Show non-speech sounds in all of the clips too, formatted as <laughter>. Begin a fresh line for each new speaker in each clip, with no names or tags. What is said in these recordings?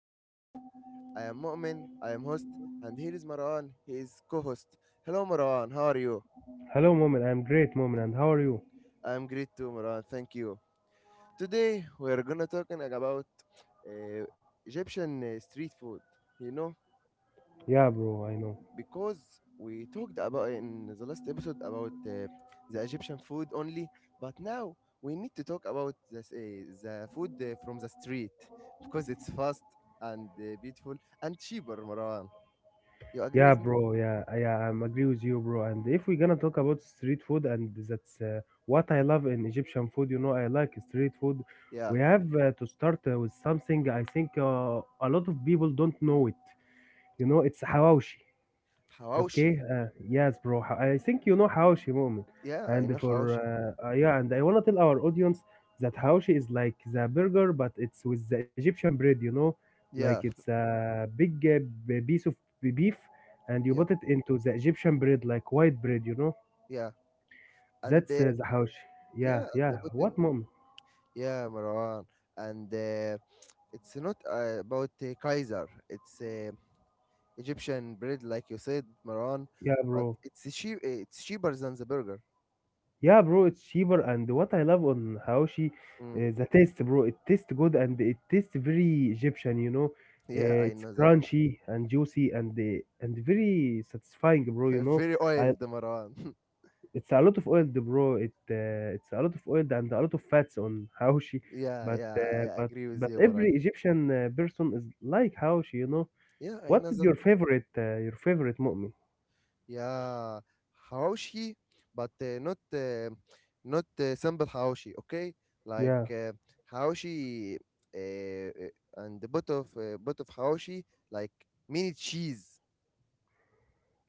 podcast. I am Mu'min, I am host, and here is Marwan, he is co-host. Hello Marwan, how are you?
Hello, Moment. I'm great, Moment. And how are you?
I am great too Marwan, thank you. Today we are gonna talking about uh, Egyptian street food. You know,
Yeah, bro. I know.
because we talked about in the last episode about the Egyptian food only, but now we need to talk about the food from the street because it's fast and beautiful and cheaper, Marwan. You
Yeah,
agree with me?
bro. Yeah. I'm agree with you, bro. And if we're gonna talk about street food, and that's what I love in Egyptian food. I like street food.
Yeah.
We have to start with something I think a lot of people don't know it. It's hawashi. Okay,
Hawashi.
yes, bro. I think you know Haoshi moment.
Yeah, I
And
know Hawashi.
I want to tell our audience that Haoshi is like the burger, but it's with the Egyptian bread, you know? Like
Yeah,
it's a big piece of beef, and you
yeah,
put it into the Egyptian bread, like white bread, you know?
yeah. And
That's the Haoshi.
Yeah,
Yeah,
and they
yeah.
put in
What moment?
yeah, Marwan. And it's not about Kaiser. It's Egyptian bread, like you said, Marwan.
Yeah,
But
bro.
it's a cheap. It's cheaper than the burger.
Yeah, bro, it's cheaper. And what I love on Haoshi
Mm. <laughs>
is the taste, bro. It tastes good and it tastes very Egyptian.
Yeah,
Uh,
I
It's
know that.
crunchy and juicy and and very satisfying,
<laughs>
bro.
Very
I,
oiled, Marwan. <laughs>
it's a lot of oil, bro. It's a lot of oil and a lot of fats on Haoshi,
yeah,
but uh,
yeah, I
but
agree with
but
you, Marwan.
every Egyptian person is like Haoshi.
Yeah, I
What
know
is
that.
your favorite mu'min?
Yeah, Haoshi, but not not simple Haoshi, okay? Like
Yeah.
Haoshi and the bit of Haoshi, like mini cheese.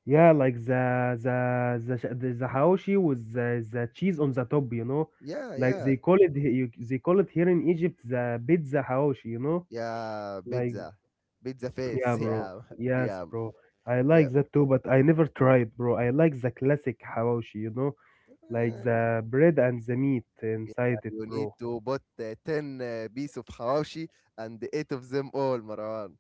Yeah, like the haoshi with the cheese on the top,
Yeah,
like
yeah,
they call it here in Egypt the pizza haoshi,
yeah.
like
Pizza, pizza
yeah,
face. <laughs>
bro,
Yeah,
yes,
yeah,
bro, I
yeah.
like that too, but I never tried, bro. I like the classic haoshi, like
Uh,
the bread and the meat
<laughs> yeah,
inside it,
you need
bro.
to put ten piece of Haoshi and eight of them all, Marwan.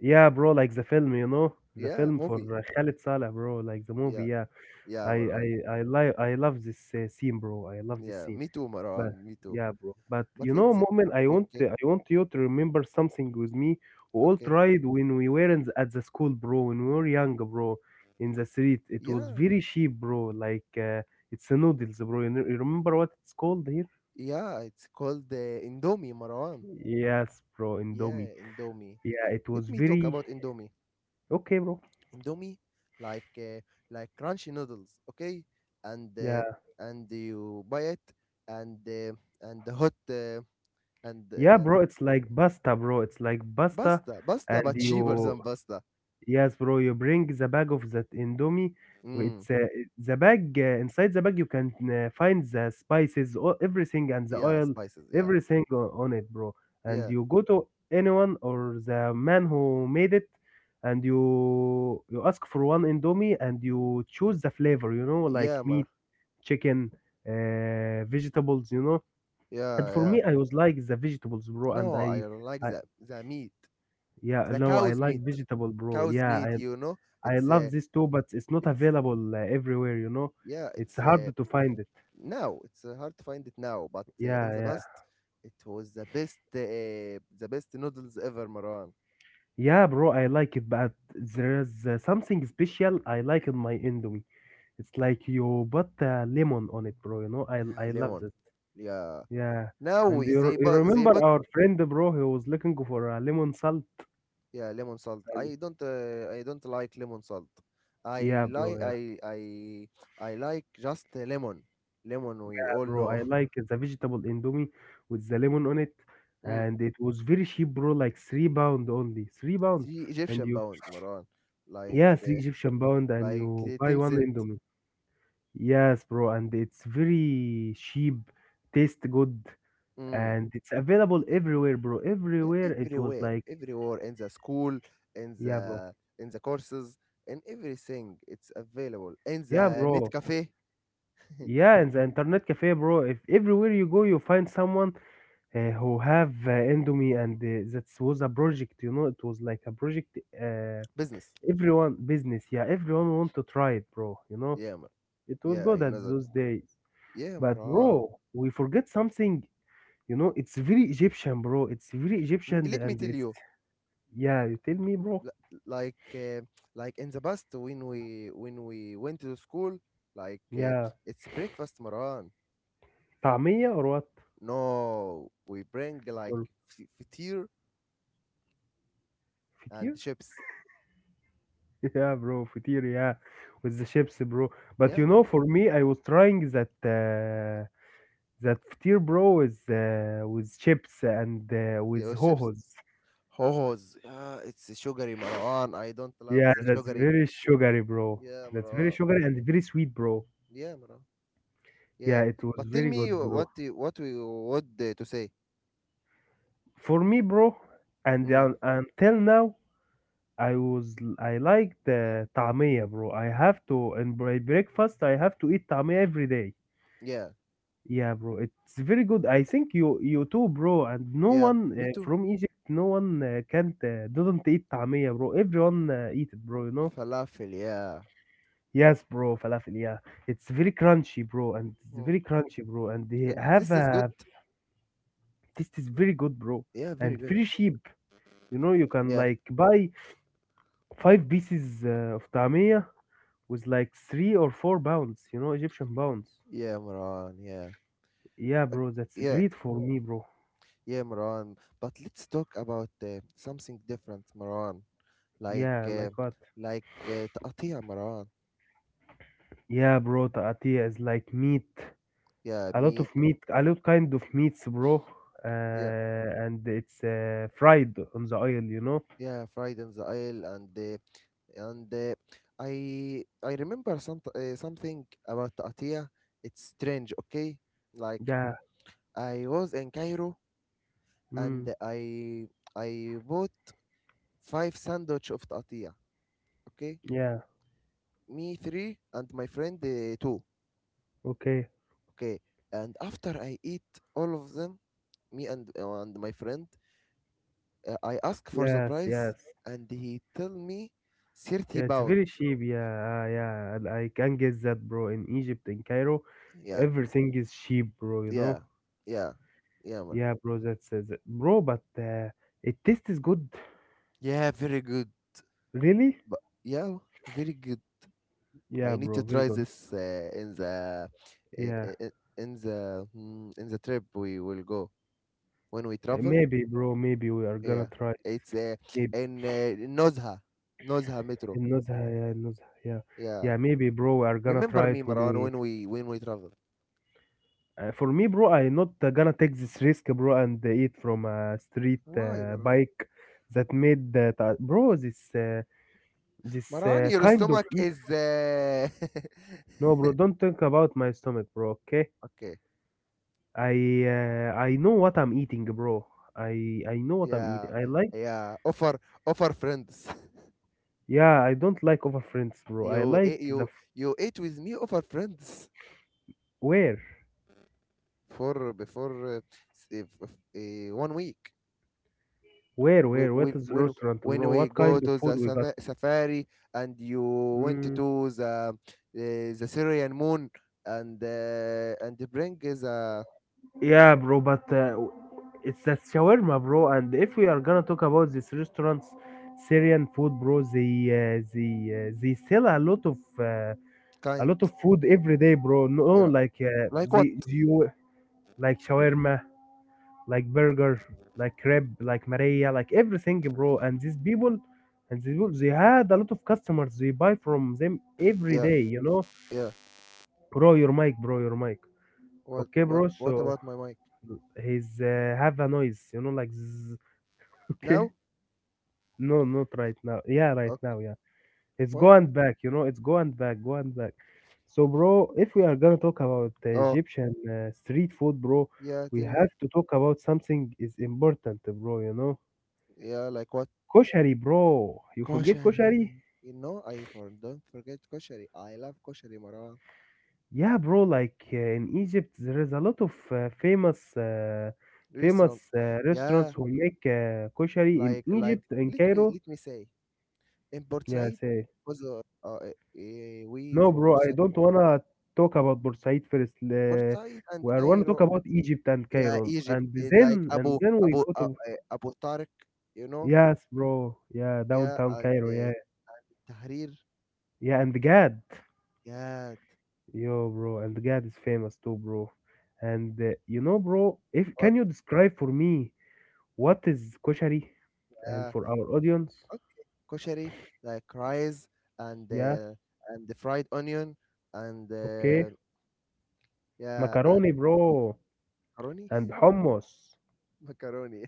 Yeah, bro, like the film, the
Yeah,
film for
movie.
Khalid Salah, bro, like the movie.
Yeah,
Yeah,
yeah,
I
Marwan.
I I love this scene, bro. I love this
Yeah,
scene.
me too,
But
Marwan. Me too.
yeah, bro. But
But let's
moment, I want
okay,
I want you to remember something with me. We all
okay.
tried when we were at the school, bro. When we were young, bro, in the street, it was
Yeah,
very cheap, bro. Like it's a noodles, bro. You, know, you remember what it's called here?
yeah, it's called the Indomie, Marwan.
Yes, bro, Indomie.
Yeah, Indomie.
Yeah, it was
Let me talk
very
about Indomie.
okay, bro.
Indomie, like uh, like crunchy noodles, okay? And
Yeah,
uh, and you buy it, and uh, and the hot
yeah, bro.
and
It's like pasta, bro. It's like pasta,
pasta, pasta,
and
but cheaper
you
than pasta.
yes, bro, you bring the bag of that Indomie.
Mm,
It's the bag inside the bag. You can find the spices, everything, and the
yeah,
oil,
spices. Yeah,
everything on it, bro. And
yeah,
you go to anyone or the man who made it, and you ask for one Indomie, and you choose the flavor. Like
yeah, Mara.
meat, chicken, vegetables. And
Yeah,
for
yeah.
me, I was like the vegetables, bro, and
No, I don't like
I
that. The meat,
yeah,
the
no, I
cow's
like
meat.
vegetable, bro.
Cow's
Yeah,
meat,
I
you know?
I
It's
love
uh,
this too, but it's not
it's
available everywhere.
yeah,
It's
it's
hard to find it.
now it's hard to find it now, but in
Yeah,
the
yeah.
past it was the best noodles ever, Marwan.
Yeah, bro, I like it, but there's something special I like in my Indomie. It's like you put lemon on it, bro. I
Yeah,
I love
lemon.
that.
Yeah.
Yeah.
Now
And
is
you, r-
they
you
but they
remember
put
our friend, bro, who was looking for a lemon salt?
yeah, lemon salt.
And
I don't like lemon salt. I
yeah,
like
bro, yeah.
I I I like just lemon. Lemon we
Yeah,
all
bro,
know.
I like the vegetable Indomie with the lemon on it.
<laughs> Mm.
And it was very cheap, bro, like 3 pound only. 3 pounds.
See
And
Egyptian
you.
pound, Marwan.
Yeah,
Like
three Egyptian pound and you buy
10
one
cent.
Indomie. Yes, bro, and it's very cheap, taste good,
Mm.
and it's available everywhere, bro.
Yeah,
Everywhere it was
everywhere
like,
everywhere in the school in
yeah, bro,
the in the courses in everything it's available in
yeah,
the net
bro,
cafe. <laughs>
yeah, and the internet cafe, bro. If everywhere you go, you find someone who have Indomie, and that was a project. It was like a project.
Business
Everyone business, yeah, everyone want to try it, bro. You know,
yeah Mar-
it was
yeah
good at
another
those days.
yeah
But
Marwan.
bro, we forget something. It's very Egyptian, bro. It's very Egyptian
Let me
and
tell
it's
you
yeah, you tell me, bro.
li- like uh, like in the past when we went to school, like
Yeah.
it's breakfast Maran.
طعمية or what?
No we bring like
For
fatir
فطير?
and
<laughs>
chips
Yeah, bro, فطير, yeah. With the chips, bro. But
yeah
for me, I was trying that فطير, bro, with chips and with
yeah chips
hohos.
Hohoz. Yeah, it's sugary, Marwan. I don't love
Yeah,
the
that's
sugary.
very sugary, bro.
Yeah,
That's very
Marwan.
sugary and very sweet, bro.
Yeah, Marwan. Yeah.
Yeah, it was
But tell
very
me
good, bro.
what we would to say.
For me, bro, and
Mm.
until now, I like the طعمية bro. I have to in my breakfast I have to eat طعمية every day.
Yeah.
Yeah, bro. It's very good. I think you too, bro. And no
Yeah.
one
Me too.
from Egypt, no one can't doesn't eat طعمية, bro. Everyone eat it, bro.
Falafel. Yeah.
Yes, bro. Falafel. Yeah, it's very crunchy, bro. And it's
Mm.
very crunchy, bro. And they
And
have
this is good.
a this is very good, bro.
Yeah, very
And
good.
very cheap. You can
Yeah.
like buy five pieces of طعمية with like 3 or 4 pounds, Egyptian pounds.
Yeah, Marwan. Yeah.
Yeah,
Uh,
bro, that's
yeah.
great for me, bro.
Yeah, Marwan. But let's talk about something different, Marwan. Like
Yeah, like what?
تقطيع, Marwan.
Yeah, bro, Taatia is like meat,
Yeah,
a lot of
meat.
meat, a lot kind of meats, bro. Uh,
Yeah.
and it's fried on the oil.
Yeah, fried in the oil and I remember some something about Atiyah. It's strange, okay? Like
Yeah.
I was in Cairo
Mm,
and I bought 5 of Atiyah, okay?
yeah.
Me three and my friend two,
Okay.
okay? And after I eat all of them, me and my friend, I ask for the
Yes.
price
Yes.
and he tell me
Yeah,
thirty
it's
pound.
very cheap. Yeah. Yeah. And I can get that, bro. In Egypt, in Cairo,
Yeah,
everything is cheap, bro. You
yeah,
know.
yeah, yeah, Mar.
Yeah, bro, that's bro, but it tastes good,
Yeah, very good.
really.
But yeah, very good.
Yeah,
I need
bro,
to
very
try
good.
this in the i-
Yeah.
i- i- in the in the trip we will go when we travel.
Maybe, bro, maybe we are gonna
Yeah,
try it.
it's
Maybe
in Nozha, Nozha Metro.
النزهة yeah,
Yeah,
yeah, maybe, bro, we are gonna try
remember
it
me,
when
Maran,
we.
when we travel.
For me, bro, I not gonna take this risk, bro, and eat from a street
Why, Maran?
bike that made that, bro, this uh, this
Maran,
uh,
your
kind of
stomach
eat.
is
No,
<laughs>
bro, don't think about my stomach, bro. Okay.
Okay.
I know what I'm eating, bro. I know what I'm eating.
Yeah,
I like
yeah. Offer friends. <laughs>
yeah. I don't like over friends, bro. I
You
like
ate
the
you
f-
you ate with me. Offer friends.
where
For before s- if, 1 week
where what
we
is the restaurant, bro?
when we
What kind
go
of
to
food
the
we got?
safari and you went to
Mm.
the uh, the Syrian moon and bring is a
Yeah, bro. But it's that shawarma, bro. And if we are gonna talk about these restaurants, Syrian food, bro. They sell a lot of uh, a
kind.
lot of food every day, bro. No,
Yeah
like
like what
they you like shawarma. Like burger, like crepe, like Maria, like everything, bro. And these people, they had a lot of customers. They buy from them every
yeah
day.
yeah
Bro, your mic, bro, your mic. Okay, bro.
what
So
about my mic
he's have a noise, like zzz. <laughs> okay.
now
No, not right now. Yeah, right now.
okay
Yeah, it's
what
going back. It's going back, going back. So, bro, if we are gonna talk about
oh
Egyptian street food, bro,
yeah
we
tell me
have to talk about something is important, bro. You know
yeah like what
Koshari, bro. You forget
koshari.
koshari?
You know I for don't forget koshari, I love koshari Marwan.
Yeah, bro. Like in Egypt, there is a lot of uh, famous, uh, famous
Restaurants
uh, restaurants
yeah
who make koshari in
like
Egypt and
let me
Cairo.
let me say in Port
Yeah,
Said,
say
because uh, we
no,
from
bro.
Port
I
Said
don't wanna talk about Bursaid first.
Port Said and
I wanna talk
Cairo
about Egypt and
yeah
Cairo,
Egypt
and
eh, like
then and then we
Abu
go to
Abu Tariq you know
yes, bro. Yeah,
yeah
downtown
and
Cairo. Yeah,
Tahrir
yeah, and Gad.
yeah.
Yo, bro, and Gad is famous too, bro. And bro, if
What?
can you describe for me what is koshari and
Yeah,
for our audience?
okay, koshari like rice and
Yeah,
uh, and the fried onion and
okay.
yeah
Macaroni,
and
bro,
macaroni.
and hummus.
<laughs> Macaroni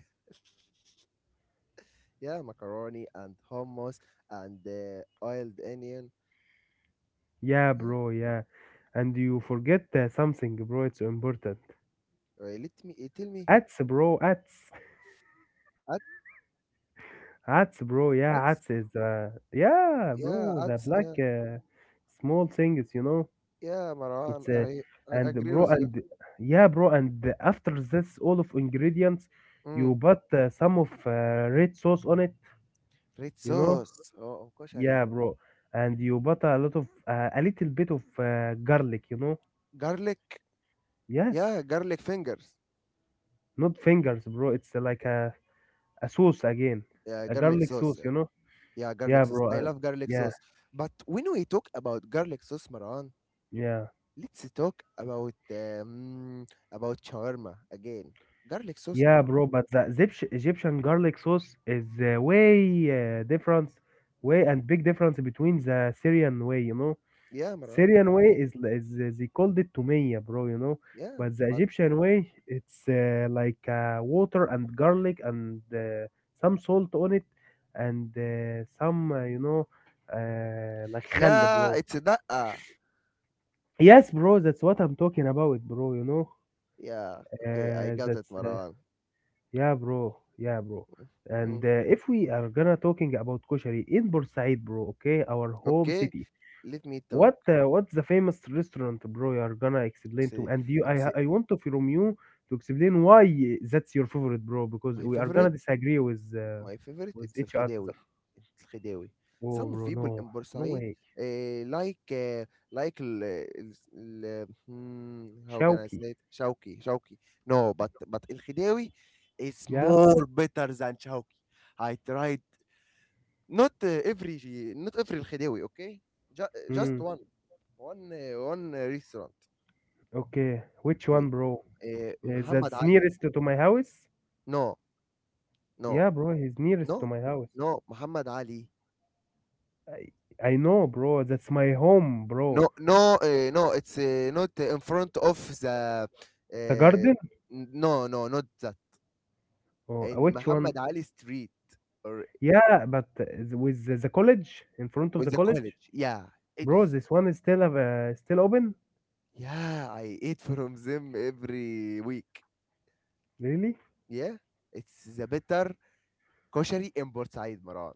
yeah macaroni and hummus and oiled onion
Yeah,
yeah.
bro, yeah. And you forget something, bro, it's so important.
Let me tell me
Ats, bro, ats.
at
<laughs> Ats, bro, yeah, ats
ads
is yeah,
yeah
bro, the
ads
black
yeah
small things.
yeah Marwan
It's a
I
and
agree
bro
with you.
and yeah bro and after this all of ingredients
Mm.
you put some of red sauce on it
Red
you know
sauce oh koshari
yeah, bro. And you put a lot of a little bit of garlic, you know.
garlic
Yes,
yeah garlic fingers
not fingers, bro, it's like a sauce again,
yeah
a
garlic
garlic sauce,
sauce
you
yeah.
know.
Yeah
Yeah,
garlic sauce
bro.
I
And
love garlic
yeah,
sauce but when we talk about garlic sauce Marwan
yeah,
let's talk about shawarma again garlic sauce
yeah,
Marwan
bro. But the egyptian garlic sauce is way different way, and big difference between the syrian way, you know.
yeah Marwan
Syrian way they called it Tumeya, bro, you know.
yeah
But the
but
Egyptian way, it's like water and garlic and some salt on it and some, you know, like khal,
yeah
bro.
it's a daqqa
Yes, bro, that's what I'm talking about, bro, you know.
yeah okay I got it
That's,
Marwan.
yeah, bro, yeah, bro.
Mm-hmm.
And if we are gonna talking about koshari in Bursaid, bro, okay, our home
Okay,
city,
let me talk.
what's the famous restaurant bro you are gonna explain
It's
to
a-
and you I
it's a-
I want to from you to explain why that's your favorite bro because
my
we are
favorite,
gonna disagree with
my favorite. It's
each other.
الخداوي. الخداوي.
Oh
Some
bro,
of people
no,
in
no
Bursaid
way.
uh, like uh, like how can I
Shawky.
say it? شوقي شوقي. No, but الخداوي is
Yeah.
more better than شوقي. I tried not uh, every not every الخداوي. Okay, Ju just
Hmm.
one one restaurant.
Okay, which one,
He-
bro?
محمد
That's
علي.
nearest to my house.
No no
Yeah bro, he's nearest to
No,
my house.
no, Muhammad Ali.
I I know bro, that's my home bro.
No, no, no. It's not in front of the.
The
Uh,
garden.
no, no, not that.
Oh,
In
which one?
Muhammad Ali Street or
Yeah but with the college, in front of
with
the
the
college.
college. Yeah,
Bro,
it's
this one is still still open?
yeah. I eat from them every week.
Really?
Yeah, it's the better koshery in Port Maran.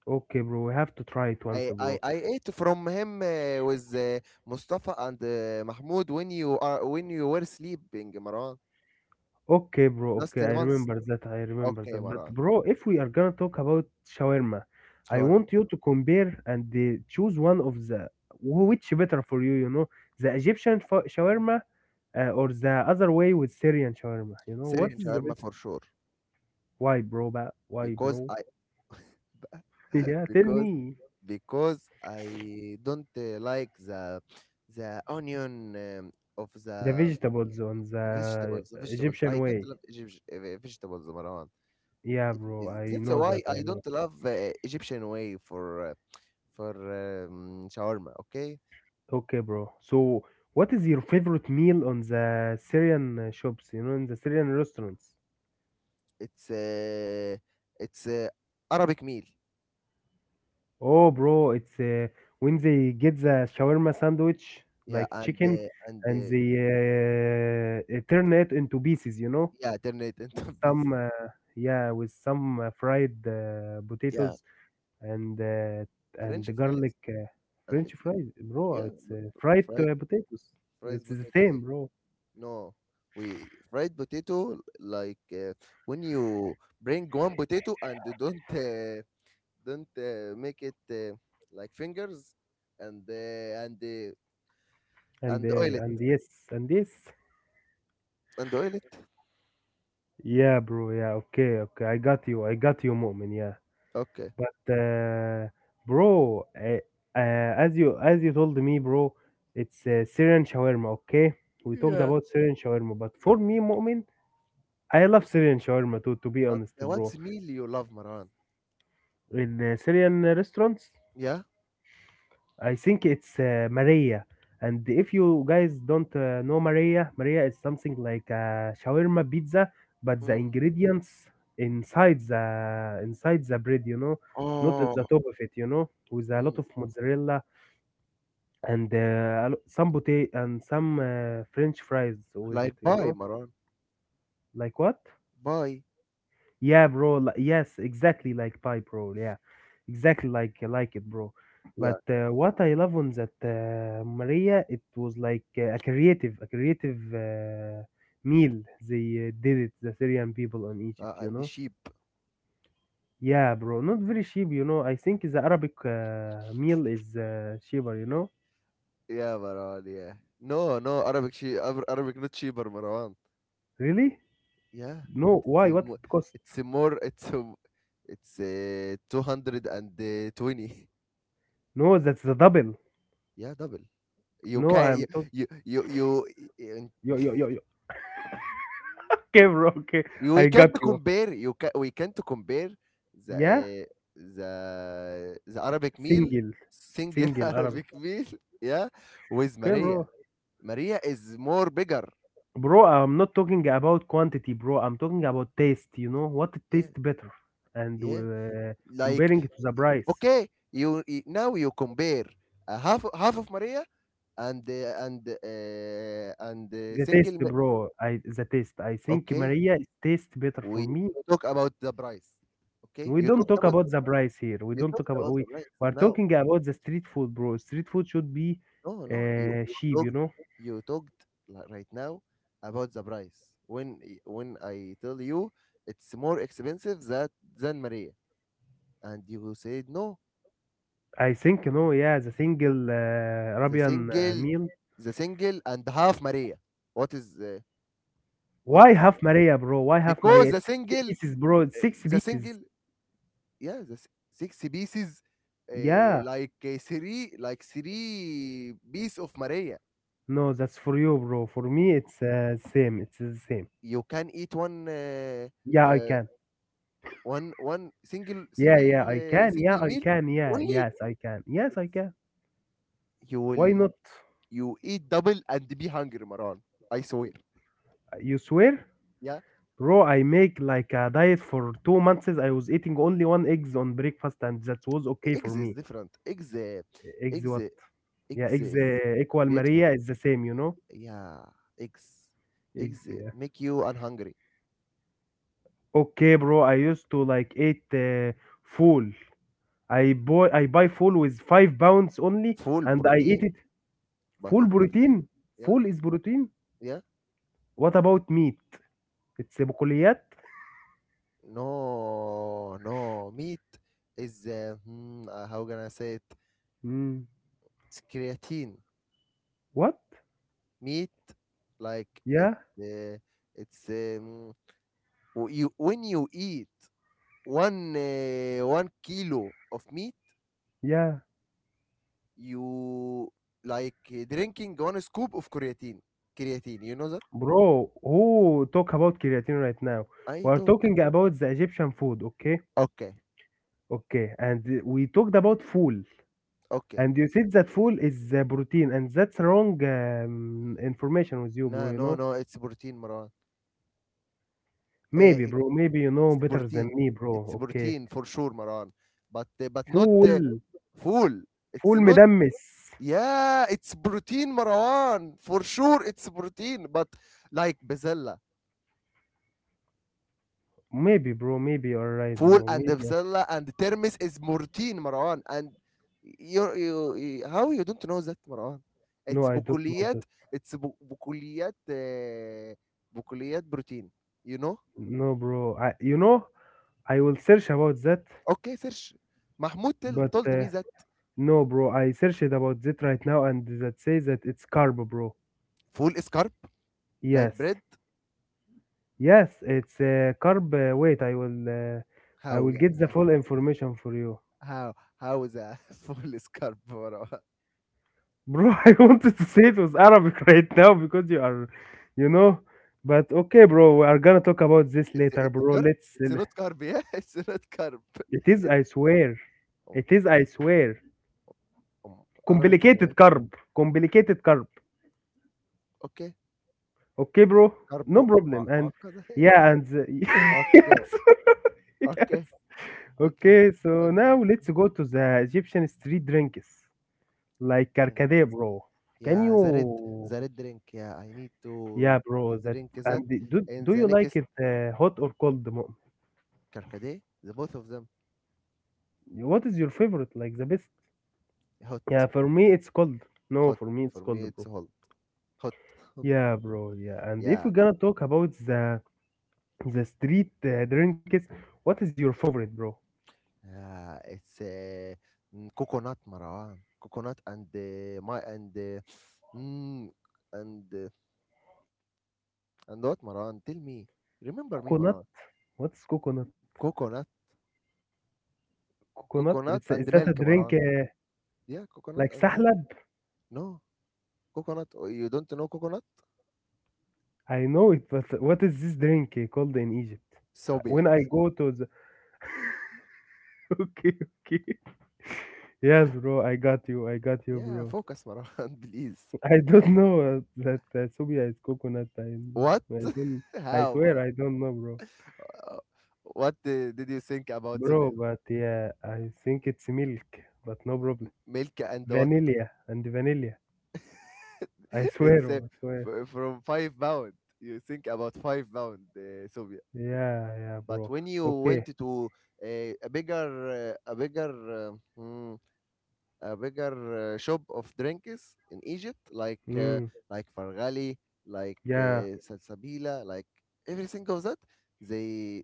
Okay bro, we have to try it once,
I,
bro.
I, I ate from him with Mustafa and Mahmoud when you are when you were sleeping, Maran.
Okay bro,
Last
okay, I
month.
remember that, I remember
Okay,
that. But
Maran.
bro, if we are gonna talk about shawarma, I
Shawarma.
want you to compare and choose one of the, which better for you, you know, the Egyptian shawarma or the other way with Syrian shawarma, you know, what
Syrian
is the
shawarma
best?
for sure
Why bro, why
because
bro?
I
<laughs> Yeah,
<laughs>
tell
because
me.
because I don't like the onion um, of
The
the
vegetables on the
vegetables vegetables
Egyptian
I don't
way.
love Egyptian vegetables Marwan.
Yeah bro, I
That's
know
why
that, I
I
know.
don't love Egyptian way for uh, for shawarma okay.
Okay bro. So, what is your favorite meal on the Syrian shops? You know, in the Syrian restaurants.
It's it's uh, Arabic meal
Oh bro, it's when they get the shawarma sandwich,
yeah
like
and
chicken, and they turn it into pieces. You know,
yeah <laughs> turn it
with
into <laughs>
some
pieces
yeah, with some fried
yeah
potatoes and uh, and
French
the
fries
garlic
and
French
eh,
fries, bro.
Yeah,
It's
but
fried
fried
potatoes.
fried
It's the
potatoes.
same,
Eh?
bro.
No, we fried potato like when you bring one potato and you don't make it like fingers and and oil it
And yes, and yes.
and oil it.
Yeah bro. Yeah, okay, okay. I got you. I got you, Mu'min. Yeah,
Okay.
but bro, uh, as you told me, bro, it's Syrian shawarma. Okay, we talked
Yeah.
about Syrian shawarma, but for me, Mu'min, I love Syrian shawarma too. To be
But
honest,
what's
bro,
meal you love, Maran?
in Syrian restaurants,
Yeah.
I think it's Maria. And if you guys don't know Maria, Maria is something like a shawarma pizza, but the
Mm.
ingredients inside the bread, you know, not at the
Oh,
top of it, you know, with a lot
mm.
of mozzarella and some potato and some French fries with it,
Like
you
bye,
know,
Maran.
like what?
Bye.
Yeah bro. Yes, exactly like pie, bro. Yeah, exactly like it, bro.
Yeah.
But what I love on that Maria, it was like a creative meal. They did it, the Syrian people in Egypt, you
And the
know.
sheep.
Yeah bro. Not very cheap, you know. I think the Arabic meal is cheaper, you know.
Yeah, Maran. Yeah. No, no Arabic sheep. Arabic not sheep, Maran.
Really?
Yeah,
No. Why?
it's
What
more.
it cost?
it's more it's a, m- it's uh, 220.
No, that's the double.
Yeah, double. You
No,
can
I'm
you
talking.
you you you, y-
Yo, yo, yo, yo. <laughs> Okay bro. Okay,
y- We
I got
can't
you.
compare you can we can't compare the
Yeah,
uh, the Arabic meal
single.
single <laughs>
Single Arabic.
Arabic meal yeah with
Okay
Maria.
bro.
Maria is more bigger.
Bro, I'm not talking about quantity, bro. I'm talking about taste. You know what
Yeah,
tastes better, and
yeah. Like
comparing it to the price,
okay, now you compare a half half of Maria and
the taste,
single ma-
bro. I The taste. I think
okay
Maria is taste better for
we
me.
talk about the price okay
We don't talk about the price here. We
you
don't talk
talked
about
about
we.
the price
We are
now
talking about the street food, bro. Street food should be
no no you
cheap. You know.
you talked right now about the price when when I tell you it's more expensive that than maria and you said no
I think you know. Yeah, the single
the
Arabian meal.
single and half maria what is uh, what
Why
is
half Maria, bro? Why half Maria?
because
It's six pieces, bro. It's six
the
pieces.
single yeah, the six pieces,
Yeah.
like three piece of Maria.
No, that's for you, bro. For
M-
me, it's same. It's the same.
You can eat one,
Yeah, I
uh,
can.
one,
Yeah, yeah, I can. Yeah,
single
I
meal
can. Yeah,
only.
yes, I can. Yes, I can.
You will
Why not?
you eat double and be hungry, Maran. I swear.
You swear?
Yeah,
Bro, I make like a diet for 2 months. I was eating only one eggs on breakfast, and that was okay for
eggs is
me.
different. Eggs,
Eggs
eggs,
what?
uh,
Yeah,
eggs
eggs
is
equal
beautiful.
Maria is the same, you know?
Yeah, eggs,
Eggs,
eggs
yeah.
make you unhungry.
Okay bro. I used to like eat full. I buy full with 5 pounds only,
Full
and I eat
protein,
it.
but
فول
it protein.
بروتين.
Yeah,
فول is بروتين.
yeah.
What about meat? It's بقوليات.
No, no. Meat is how can I say it?
مم.
It's creatine.
What?
Meat, like it,
Yeah,
uh, it's you when you eat 1 kilo of meat,
yeah
you like drinking one scoop of creatine. Creatine, you know that?
bro, who talk about creatine right now?
I
We are
took.
talking about the Egyptian food, okay?
Okay,
Okay, and we talked about fool,
okay.
and you said that fool is protein, and that's wrong information with you
No,
bro, you
no,
know.
no. It's protein, Marwan.
Maybe bro, maybe you
It's
know better than
protein.
me bro,
It's
okay.
protein for sure, Maran. But not
fool
full. It's
Fool
not.
مدمس.
Yeah, it's protein, Marwan. For sure, it's protein. But like bezella,
Maybe bro, maybe you're right
full
bro,
and
maybe.
bezella and termis is protein, Marwan. And how you don't know that, Marwan?
No,
It's
I don't know
bukuliyat.
that.
Bukuliyat. Bukuliyat protein. You know?
No bro. I, you know, I will search about that,
Okay, search. Mahmoud tell,
but
told me that
no bro. I searched about that right now, and that says that it's carb, bro.
full is carb, like
Yes,
bread.
yes, it's carb. I
How
will
yeah?
get the full information for you,
How how is a <laughs> full is carb bro?
bro. <laughs> I wanted to say it was Arabic <laughs> right now because you are, you know, but okay bro. We are gonna talk about this later,
It's
bro.
carb.
Let's.
It's not carb. Yeah, <laughs> it's not carb.
It is,
It's
I swear.
um,
It is, I swear.
um, Arabic. You know.
Complicated carb. Complicated carb.
Okay,
Okay bro.
carb
No
Ma
problem. And
معقدة يعني. <laughs>
yeah, and <laughs>
Okay,
yes, <laughs> yes.
okay, okay,
Okay, so
okay.
now let's go to the Egyptian street drinks like
Drink it.
Karkade, bro. Can
Yeah,
you?
the red drink. Yeah, I need
Yeah bro.
to
That
drink that.
and the, do
And
do
the
you like
next
it hot or cold?
carcade, the both of them
What is your favorite? Like the best?
hot
Yeah, for me it's cold. No,
hot
for me it's
for me.
cold,
It's
bro.
hot. <laughs>
Yeah bro. Yeah, and if
Yeah,
we're gonna talk about the street drinks, what is your favorite, bro?
Yeah, it's coconut Marwan, coconut mm, and and what Marwan? Tell me, remember me,
Coconut.
Marwan?
What's
Co-
coconut?
coconut
Coconut? It's a,
coconut
is
and
that a
milk,
drink
Marwan. Yeah, coconut
like
and milk.
sahlab?
No, coconut. Oh, you don't know coconut?
I know it, but what is this drink called in Egypt?
Sobia.
When I go to the <laughs> okay, okay, yes bro, I got you,
Yeah,
bro.
focus, Marwan, <laughs> please.
<laughs> I don't know that Subia is coconut.
What?
I don't,
<laughs>
I
How,
swear,
Marwan?
I don't know, bro,
Uh, What did you think about
bro.
Sobia?
But yeah, I think it's milk, but no problem.
Milk and what,
Vanilla and vanilla. I
<laughs> it's
swear, oh, I swear.
from 5 pounds. You think about 5 pounds Soviet,
Yeah, yeah
but
bro.
when you
Okay.
went to uh, a bigger, uh, a bigger, uh, mm, a bigger shop of drinks in Egypt,
Mm,
like Fargali, like
yeah.
Salsabila, like everything of that, they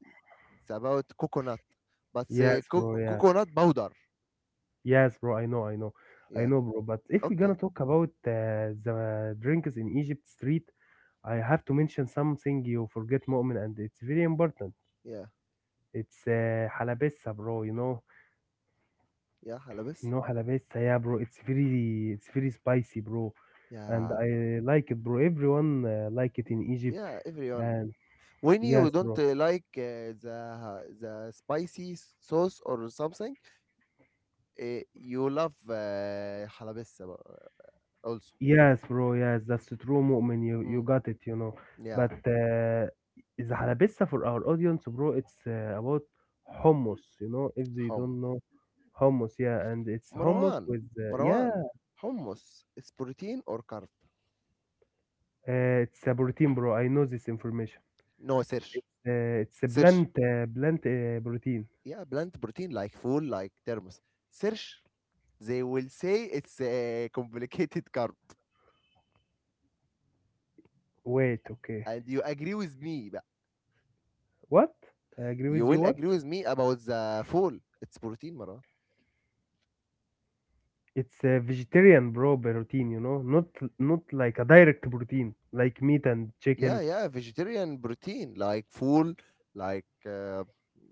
it's about coconut, but
Yes bro. Yeah.
coconut powder.
Yes bro. I know, I know, I
Yeah.
know, bro. But if we're
Okay.
gonna talk about the drinks in Egypt street, I have to mention something you forget, Mu'min, and it's very important.
Yeah.
It's halabissa, bro.
Yeah.
You
Halabis.
know halabessa, yeah bro. It's very spicy, bro, and
Yeah.
I like it, bro. Everyone like it in Egypt,
Yeah. Everyone.
and
When you
yes
don't
bro.
like the spicy sauce or something, you love حلبسة بقى also.
Yes bro. Yes, that's the true mu'min. You
Mm,
got it, you know.
yeah,
But the halabissa for our audience, bro, it's about hummus. You know, if they don't
hummus.
know hummus, yeah, and it's hummus
Marwan,
with yeah,
Marwan, hummus is protein or carb?
it's a protein, bro. I know this information.
No,
It's a
search.
plant plant protein.
Yeah, plant protein like full like thermos. Search, they will say it's a complicated <laughs> carb,
Wait, okay.
and you agree with me. بقى.
What? I agree
You
with you.
will
What?
agree with me about the full. It's protein, Marwan.
It's a vegetarian, bro, protein. You know, not not like a direct protein like meat and
Yeah,
chicken.
yeah, vegetarian protein like full, like uh,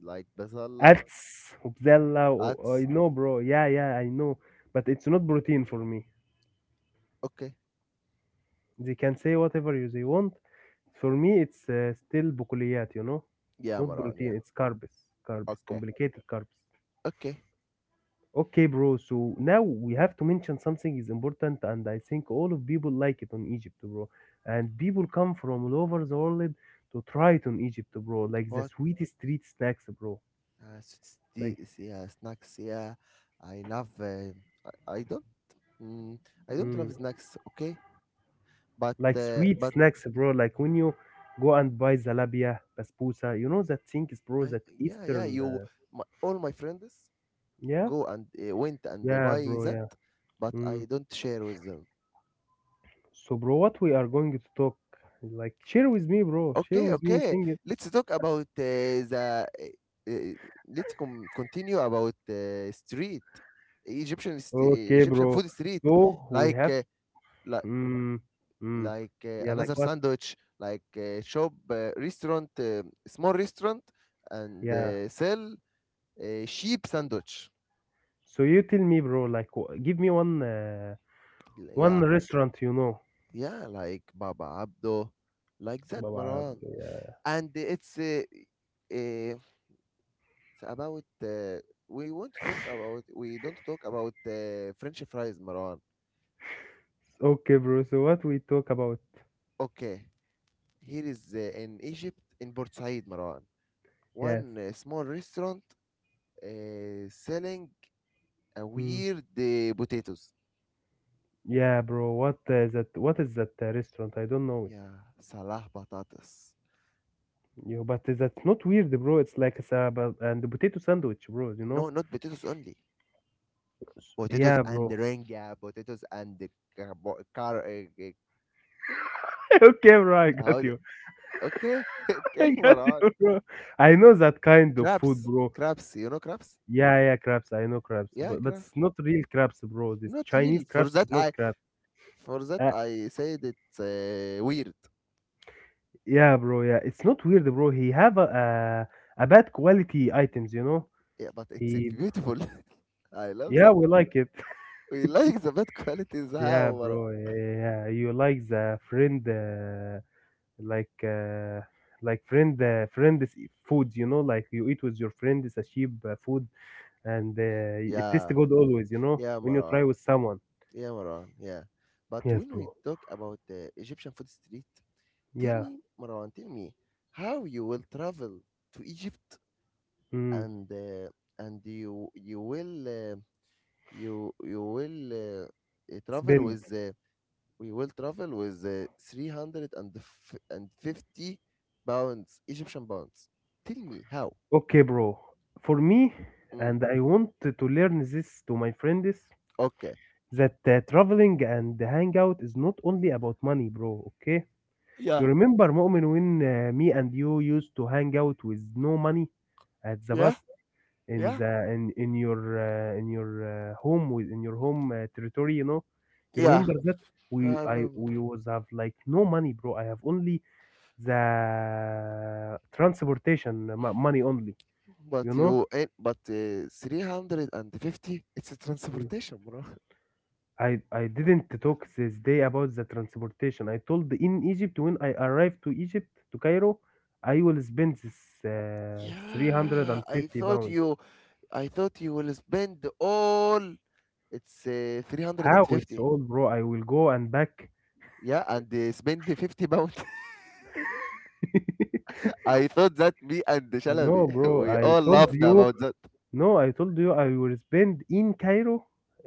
like basala,
Ats, وبسلة, I
ats.
know bro. Yeah, yeah, I know. But it's not protein for me.
Okay,
They can say whatever you they want. For me, it's still بقوليات, you know?
yeah,
Not
Maran.
protein,
Yeah,
it's carbs. Carbs,
okay,
complicated carbs.
okay.
Okay bro. So now we have to mention something is important, and I think all of people like it on Egypt, bro. And people come from all over the world to try it on Egypt, bro. Like the
What?
sweetest street snacks, bro. Like,
Yeah, snacks. Yeah, I love. Uh, I, I don't. Mm, I don't love
mm,
snacks. Okay,
like sweet
but
snacks, bro. Like when you go and buy zalabia, basbousa, you know that things, bro.
I
That
yeah yeah
Eastern,
you my, all my friends
yeah,
go and went and
yeah
buy
bro,
that,
yeah.
but
Mm.
I don't share with them.
So bro, what we are going to talk? Like, share with me, bro. Share
Okay,
with me,
okay.
sing it.
Let's talk about Uh, uh, continue about street
Okay
Egyptian
bro.
food street,
So we
like
have,
li-
mm, mm,
like
yeah, like
another
what?
sandwich, like small restaurant, and
Yeah.
sell sheep sandwich.
So you tell me, bro. Like, give me one,
Yeah,
one restaurant, you know.
yeah, like Baba Abdo, like that,
Baba,
Marwan.
yeah.
And it's uh, about we don't talk about French fries, Marwan.
Okay bro. So what we talk about?
Okay, here is in Egypt in Port Said, Marwan.
Yes.
One small restaurant selling a
Mm.
weird potatoes.
Yeah bro. What is that? What is that restaurant? I don't know
Yeah, salah patatas.
it. You, but that's not weird, bro. It's like a saba and a potato sandwich, bro. You know?
No, not potatoes only.
Yeah
Potatoes and
bro.
ringa, potatoes and the carbo- car. Uh, uh,
<laughs> Okay bro. I got
how? the-
you.
Okay, <laughs>
<laughs> I
okay,
got
Marwan.
you, bro. I know that kind of food,
Crabs,
bro.
crabs. You know crabs?
Yeah, yeah, crabs. I know crabs, but
Yeah,
it's not
crabs.
real crabs, bro. This
Not
Chinese
real.
crabs is not crabs.
For
Uh,
that, I said it's weird,
yeah bro. Yeah, it's not weird, bro. He have a, a bad quality items, you know.
yeah, but it's
He
beautiful. <laughs> I love
Yeah,
that.
we like it.
We like the bad qualities, how
Yeah
Marwan?
bro. Yeah, yeah, yeah. You like the friend, like uh, like friend's food. You know, like you eat with your friend sashib food, and it tastes
Yeah,
good always. You know,
yeah,
when you
Marwan.
try with someone.
Yeah, Marwan. Yeah. But
Yes
when we
bro.
talk about the Egyptian food street, tell
Yeah.
me, Marwan, tell me how you will travel to Egypt
Mm.
and uh, and you you will travel
Spend.
with we will travel with 350 pounds, Egyptian pounds. Tell me how.
Okay bro. For me,
Mm,
and I want to learn this to my friends
okay.
that traveling and hang out is not only about money, bro. Okay. You
Yeah,
remember Mu'min when me and you used to hang out with no money at the
yeah,
bus in
yeah,
the in your home with in your home territory, you know? You
yeah.
remember that
I remember.
we was have like no money, bro. I have only the transportation money only,
But
you know?
350, it's a transportation, bro.
I didn't talk this day about the transportation. I told in Egypt when I arrived to Egypt to Cairo, I will spend this 350
Yeah, I thought
pounds.
you, I thought you will spend all, it's
How it's
350.
all, bro? I will go and back.
Yeah, and spend the 50 pounds.
<laughs>
<laughs> I thought that me and
No
Shalabi, <laughs>
bro.
we
I
all
told
laughed
you.
about that.
No, I told you I will spend in Cairo.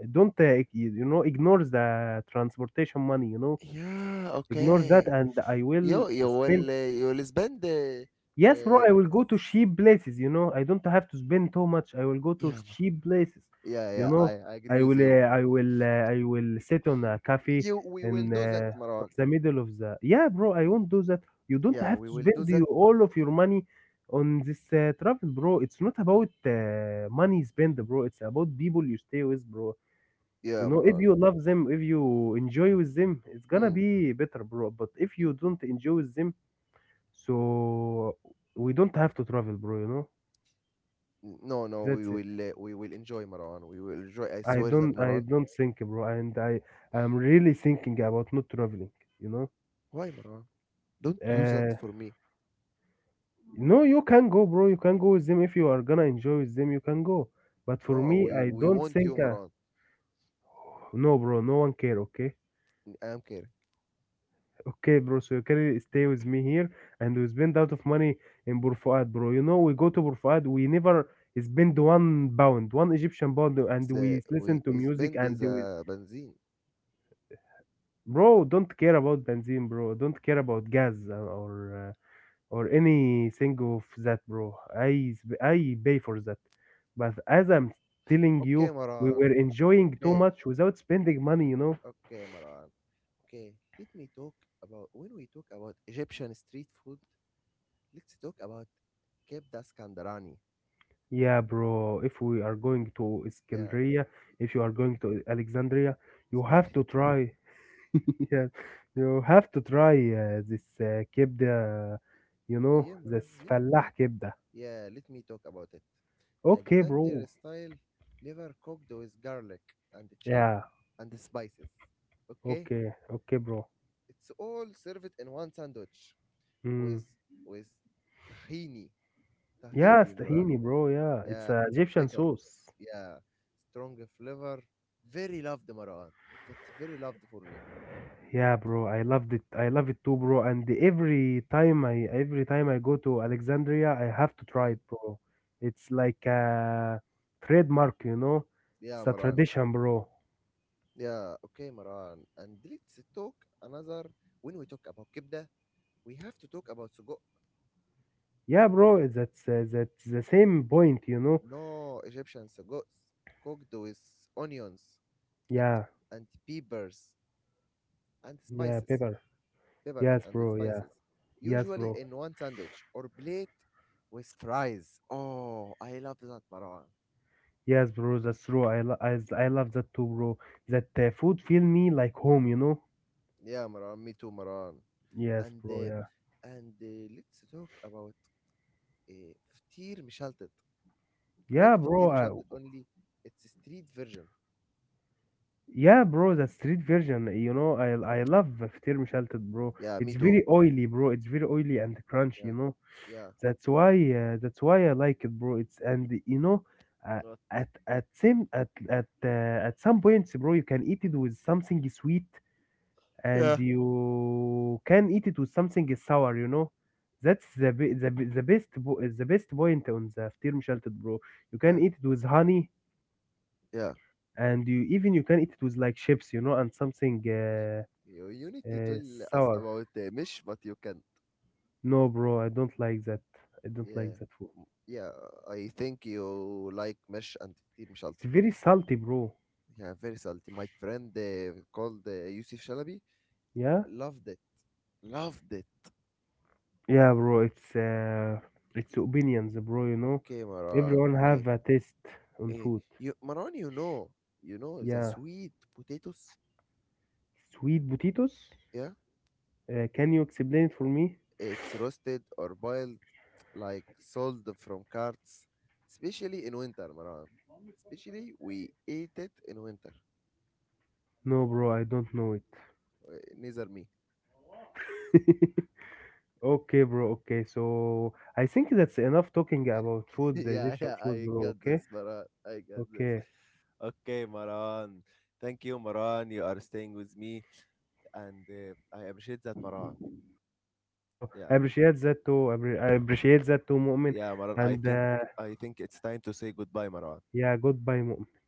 Don't ignore the transportation money. You know
Yeah,
ignore that,
okay.
and I will
Yo
spend.
you will spend,
Yes, bro,
uh,
I will go to cheap places, you know. I don't have to spend too much. I will go to
yeah, ma
cheap places,
yeah,
you
yeah,
know.
I agree
I
with
will,
you.
uh, I will, uh, I will sit on a cafe
You we will
in
do that,
on
Marwan.
the middle of the. Yeah, bro, I won't do that. You don't
Yeah,
have
we
to
will do
spend
that.
you all of your money on this travel, bro. It's not about money spent, bro. It's about people you stay with, bro. You
Yeah,
know, if
Marwan.
you love them, if you enjoy with them, it's gonna
Mm.
be better, bro. But if you don't enjoy with them, so we don't have to travel, bro, you know?
No, no,
That's it.
we will enjoy, Marwan. We will enjoy. I
I
swear
don't
that,
I
Marwan.
don't think, bro, and I I'm really thinking about not traveling, you know?
Why, Marwan? Don't do that
Uh
for me.
no, you can go, bro. You can go with them if you are gonna enjoy with them, you can go. But for
No,
me, I
we
don't
want
think
you, Marwan.
no, bro, no one care, okay? <laughs>
I am care.
Okay, bro, so you can stay with me here and we spend out of money in Bur Fuad, bro. You know, we go to Bur Fuad, we never spend 1 pound, one Egyptian pound, and
It's
we
we
listen to music
spend
and we
the benzene.
bro, don't care about benzene, bro. Don't care about gas or anything of that, bro. I pay for that. But as I'm telling
Okay,
you, we
Marwan.
were enjoying too
Okay,
much without spending money, you know?
okay, Marwan. Okay, let me talk about when we talk about Egyptian street food, let's talk about kebda Skandarani.
Yeah, bro. If we are going to
Yeah,
Iskandria, if you are going to Alexandria, you have
Iskandari.
to try. <laughs> Yeah, you have to try this kebda, you know,
Yeah, Maran.
this
Yeah.
fallah kebda.
Yeah, let me talk about it.
Okay,
Alexander
bro.
style liver cooked with garlic and chill
Yeah.
and spices. Okay?
Okay. Okay, bro.
It's all served in one sandwich
إمم.
with with tahini.
ياه!
Tahini, Mara.
Tahini, bro, yeah, it's
Yeah,
a Egyptian
pickles.
sauce.
Yeah, strong flavor. Very loved, Maran. That's very loved for me.
Yeah, bro, I loved it. I love it too, bro, and every time I go to Alexandria, I have to try
Mm.
it, bro. It's like a trademark, you know? It's
Yeah,
a
Maran.
tradition, bro.
Yeah, okay, Maran. And let's talk another. When we talk about kibda, we have to talk about suguk.
Yeah, bro, that's the same point, you know?
No, Egyptian suguks cooked with onions and
Yeah,
and peppers and
yeah, pepper. Yes, bro, yeah.
spices.
Yes,
Usually
bro.
in one sandwich or plate with fries. Oh, I love that, Maran.
Yes, bro, that's true. I lo I love that too, bro. That, food feel me like home, you know?
Yeah, Maran. Me too, Maran.
Yes,
And
bro,
uh,
yeah.
and let's talk about فطير مشلتت. Not
Yeah,
فطير
bro.
مشلتت only. It's a street version.
Yeah, bro. The street version. You know, I love فطير مشلتت, bro.
Yeah, me
It's
too.
very oily, bro. It's very oily and crunchy.
Yeah,
You know,
yeah,
that's why I like it, bro. It's and you know, uh,
What?
at same at some points, bro, you can eat it with something sweet,
Yeah,
and you can eat it with something sour. You know. That's the be- the be- the best bo- the best point on the فطير مشلتت, bro. You can
yeah,
eat it with honey,
yeah.
and you can eat it with like chips, you know, and something
You need to tell
uh,
us
sour.
about mish, but you can.
No, bro, I don't like that. I don't
Yeah,
like that food.
yeah. I think you like mish and فطير
It's
مشلتت.
very salty, bro.
Yeah, very salty. My friend called Yusuf Shalabi
Yeah.
loved it. Loved it.
Yeah, bro, it's opinions, bro, you know,
Okay, Maran.
everyone
Okay.
have a taste on
Eh,
food.
you Maran, you know, you know the
Yeah,
sweet potatoes.
sweet potatoes.
Yeah,
Can you explain it for me?
it's roasted or boiled, like sold from carts, especially in winter, Maran. Especially we ate it in winter.
No, bro, I don't know it.
Neither me.
<laughs> Okay, bro. Okay, so I think that's enough talking about
<laughs>
food, the
yeah,
Egyptian
yeah, I
food,
got
bro.
this,
Okay.
Maran. I got this.
Okay.
Okay, Maran. Thank you, Maran. You are staying with me, and I appreciate that, Maran. Yeah,
I appreciate that too. I appreciate that too, Mu'min.
yeah, Maran. I
And
think I think it's time to say goodbye, Maran.
yeah, goodbye, Mu'min.